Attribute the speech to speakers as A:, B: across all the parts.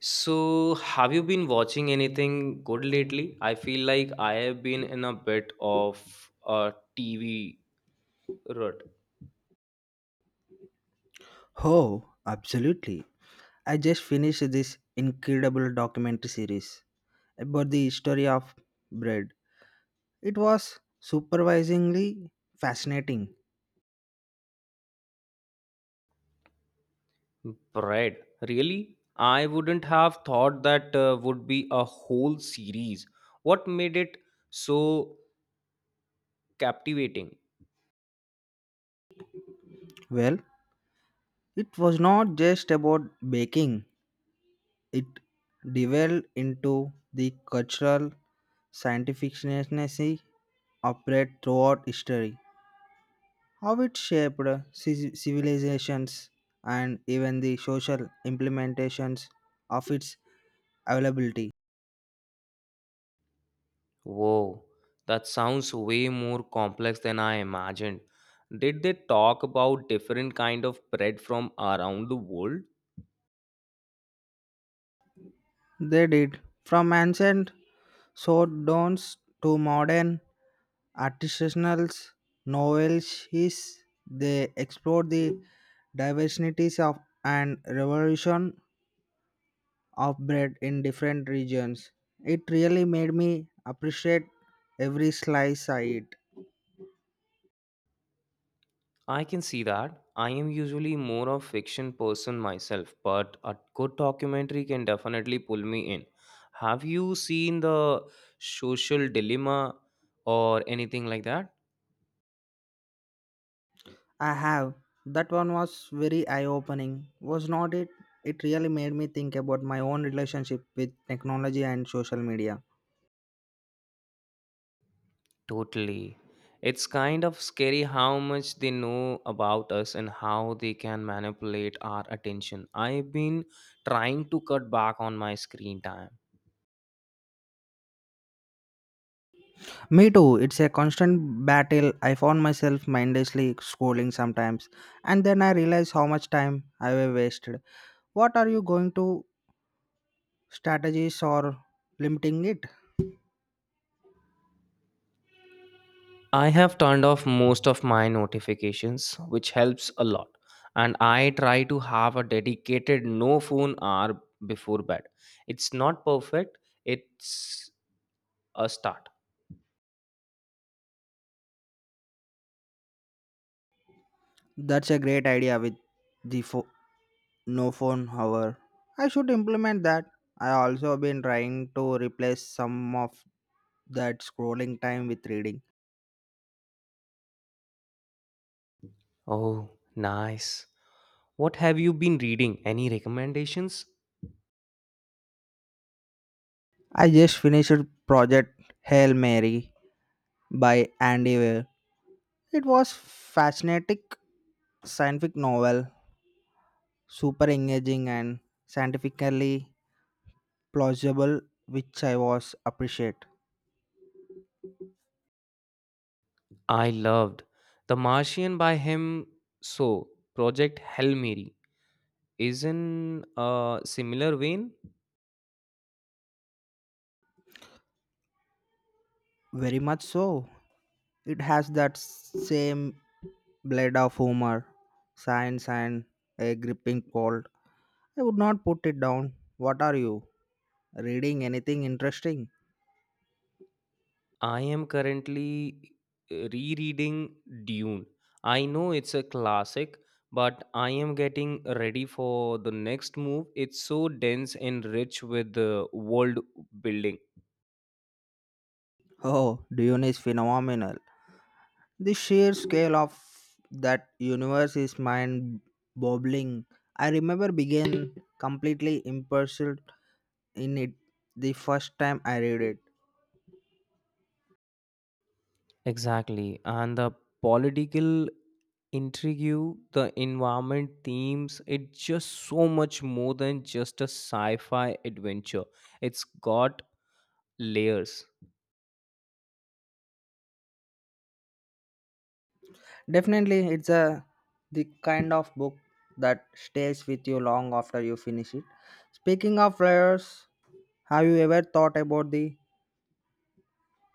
A: So, have you been watching anything good lately? I feel like I have been in a bit of a TV rut.
B: Oh, absolutely. I just finished this incredible documentary series about the history of bread. It was surprisingly fascinating.
A: Bread, really? I wouldn't have thought that would be a whole series. What made it so captivating?
B: Well, it was not just about baking, it delved into the cultural scientific significance of bread throughout history, how it shaped civilizations, and even the social implementations of its availability.
A: Whoa, that sounds way more complex than I imagined. Did they talk about different kind of bread from around the world?
B: They did. From ancient sworddowns to modern artisanal novelties, they explored the diversities of and revolution of bread in different regions. It really made me appreciate every slice I eat.
A: I can see that. I am usually more of fiction person myself, but a good documentary can definitely pull me in. Have you seen the social dilemma or anything like that?
B: I have. That one was very eye opening, was not it? It really made me think about my own relationship with technology and social media.
A: Totally. It's kind of scary how much they know about us and how they can manipulate our attention. I've been trying to cut back on my screen time.
B: Me too, it's a constant battle. I found myself mindlessly scrolling sometimes, and then I realize how much time I've wasted. What are you going to strategies or limiting it?
A: I have turned off most of my notifications, which helps a lot. And I try to have a dedicated no phone hour before bed. It's not perfect, it's a start.
B: That's a great idea with the fo- no phone hour. I should implement that. I also been trying to replace some of that scrolling time with reading.
A: Oh, nice. What have you been reading? Any recommendations?
B: I just finished project Hail Mary by Andy Weir. It was fascinating scientific novel super engaging and scientifically plausible, which I was appreciate
A: I loved The Martian by him. So, Project Hail Mary is in a similar vein.
B: very much. So it has that same blade of humor, science, and a gripping cold. I would not put it down. What are you reading? Anything interesting?
A: I am currently rereading Dune. I know it's a classic, but I am getting ready for the next move. It's so dense and rich with the world building.
B: Oh, Dune is phenomenal. The sheer scale of that universe is mind boggling. I remember being completely immersed in it the first time I read it.
A: Exactly. And the political intrigue, the environment themes, it's just so much more than just a sci fi adventure. It's got layers.
B: Definitely, it's a the kind of book that stays with you long after you finish it. Speaking of layers, have you ever thought about the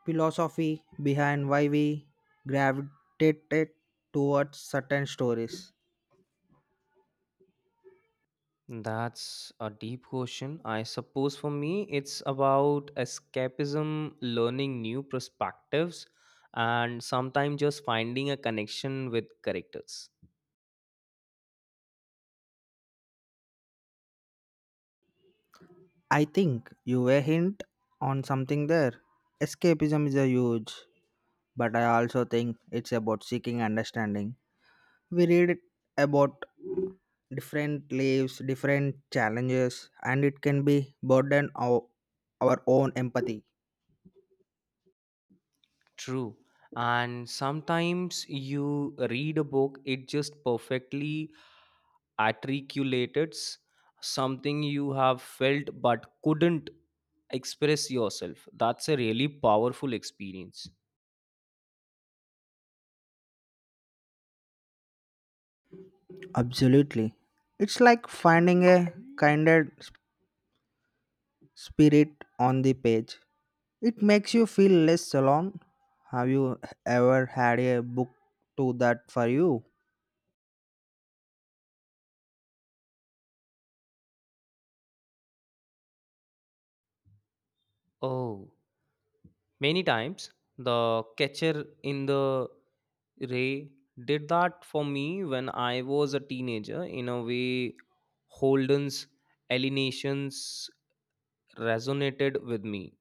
B: philosophy behind why we gravitated towards certain stories?
A: That's a deep question. I suppose for me, it's about escapism, learning new perspectives, and sometimes just finding a connection with characters.
B: I think you were hint on something there. Escapism is a huge, but I also think it's about seeking understanding. We read about different lives, different challenges, and it can be burden of our own empathy.
A: True. And sometimes you read a book, it just perfectly articulates something you have felt but couldn't express yourself. That's a really powerful experience.
B: Absolutely. It's like finding a kinder s- spirit on the page. It makes you feel less alone. Have you ever had a book to that for you?
A: Oh. Many times, the catcher in the ray did that for me when I was a teenager. In a way, Holden's alienations resonated with me.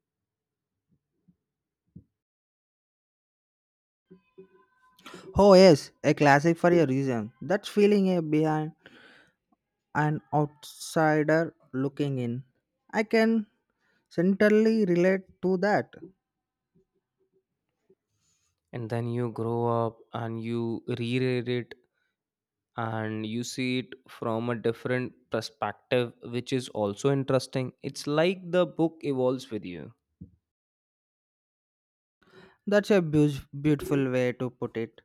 B: Oh yes, a classic for a reason. That feeling a behind an outsider looking in. I can certainly relate to that.
A: And then you grow up and you reread it and you see it from a different perspective, which is also interesting. It's like the book evolves with you.
B: That's a beautiful way to put it.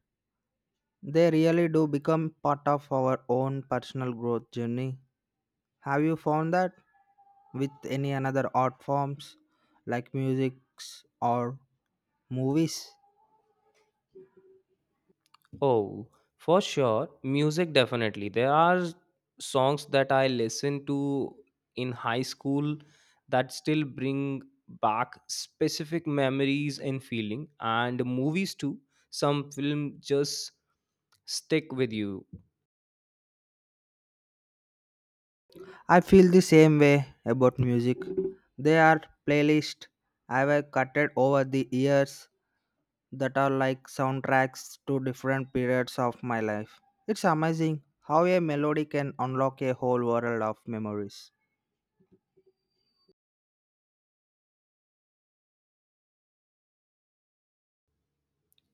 B: They really do become part of our own personal growth journey. Have you found that with any another art forms like music or movies?
A: Oh, for sure. Music definitely. There are songs that I listen to in high school that still bring back specific memories and feeling, and movies too. Some film just stick with you.
B: I feel the same way about music. There are playlists I have cutted over the years that are like soundtracks to different periods of my life. It's amazing how a melody can unlock a whole world of memories.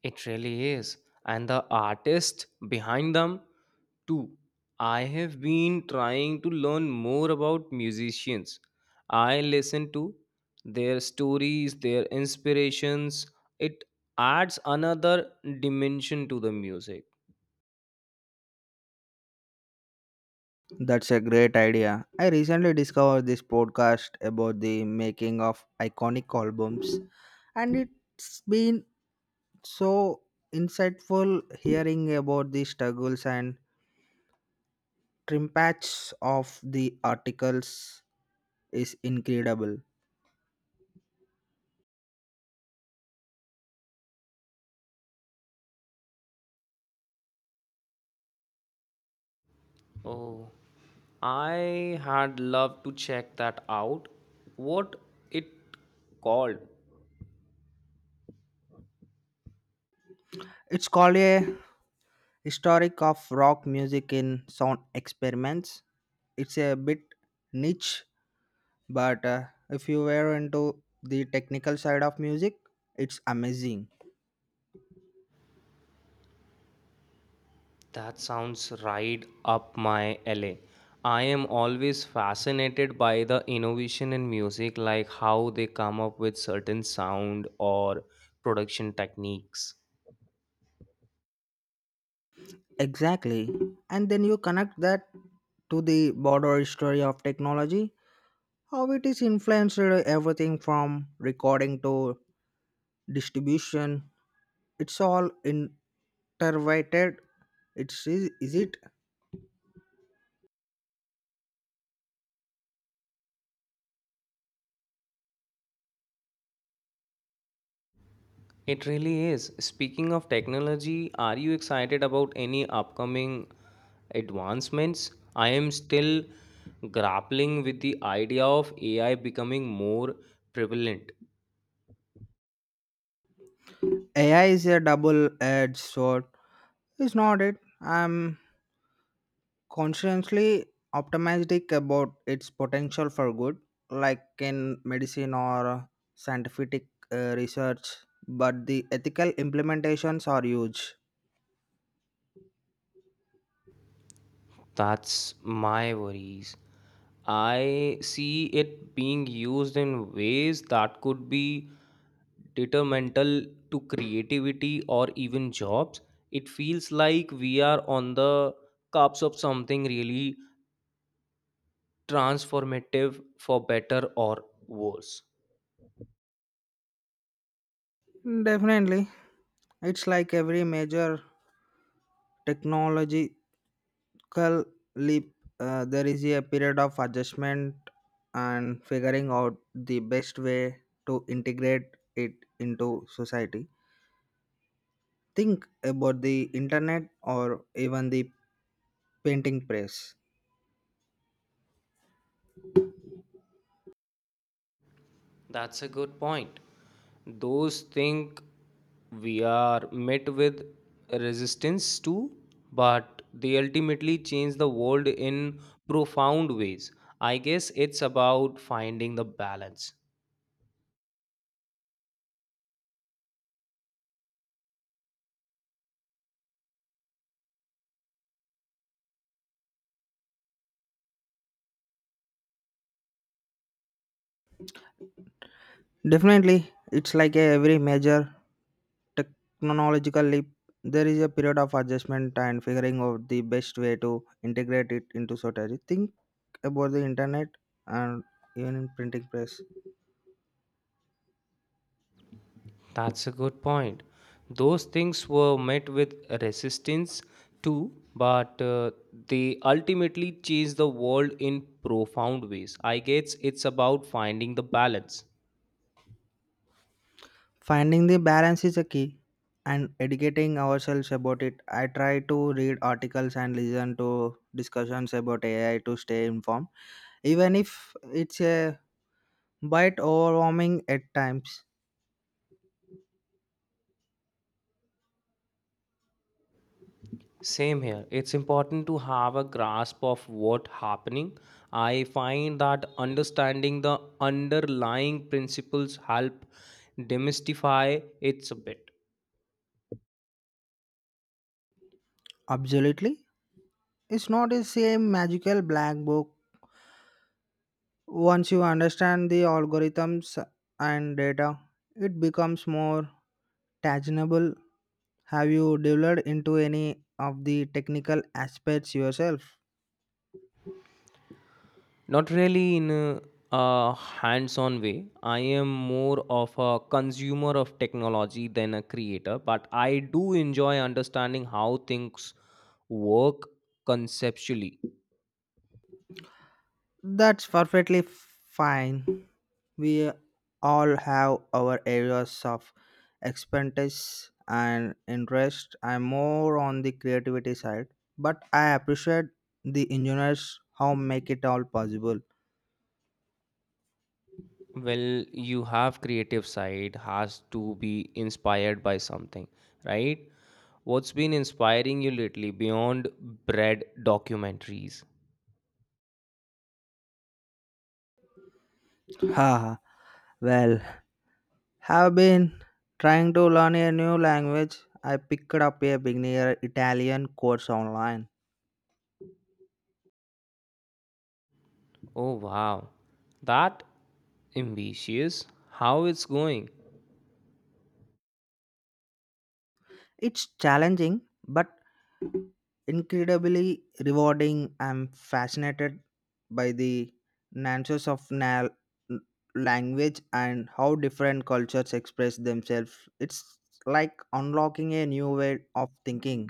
A: It really is. And the artist behind them Two, I have been trying to learn more about musicians. I listen to their stories, their inspirations. It adds another dimension to the music.
B: That's a great idea. I recently discovered this podcast about the making of iconic albums, and it's been so insightful hearing about the struggles and trimpats of the articles is incredible.
A: Oh, I had loved to check that out. What it called?
B: It's called a historic of rock music in sound experiments. It's a bit niche, but if you were into the technical side of music, it's amazing.
A: That sounds right up my alley. I am always fascinated by the innovation in music, like how they come up with certain sound or production techniques.
B: Exactly. And then you connect that to the broader history of technology, how it is influenced everything from recording to distribution. It's all interrelated. It's is it
A: It really is. Speaking of technology, are you excited about any upcoming advancements? I am still grappling with the idea of AI becoming more prevalent.
B: AI is a double-edged sword. It's not it. I'm consciously optimistic about its potential for good, like in medicine or scientific research. But the ethical implementations are huge.
A: That's my worries. I see it being used in ways that could be detrimental to creativity or even jobs. It feels like we are on the cusp of something really transformative for better or worse.
B: Definitely. It's like every major technological leap, there is a period of adjustment and figuring out the best way to integrate it into society. Think about the internet or even the painting press.
A: That's a good point. Those think we are met with resistance too, but they ultimately change the world in profound ways. I guess it's about finding the balance.
B: Definitely, it's like a every major technological leap. There is a period of adjustment and figuring out the best way to integrate it into society. Think about the internet and even in printing press
A: That's a good point. Those things were met with resistance too, but they ultimately change the world in profound ways. I guess it's about finding the balance.
B: finding the balance is a key and educating ourselves about it. I try to read articles and listen to discussions about AI to stay informed even if it's a bit overwhelming at times.
A: Same here. It's important to have a grasp of what happening. I find that understanding the underlying principles help demystify it's a bit.
B: Absolutely, it's not the same magical black book. Once you understand the algorithms and data it becomes more tangible. Have you delved into any of the technical aspects yourself?
A: Not really in a hands-on way. I am more of a consumer of technology than a creator, but I do enjoy understanding how things work conceptually.
B: That's perfectly fine. We all have our areas of expertise and interest. I'm more on the creativity side, but I appreciate the engineers how make it all possible.
A: Well, you have creative side has to be inspired by something, right? What's been inspiring you lately beyond bread documentaries?
B: Haha, well, have been trying to learn a new language. I picked up a beginner Italian course online.
A: Oh, wow, that ambitious, how it's going?
B: It's challenging, but incredibly rewarding. I'm fascinated by the nuances of language and how different cultures express themselves. It's like unlocking a new way of thinking.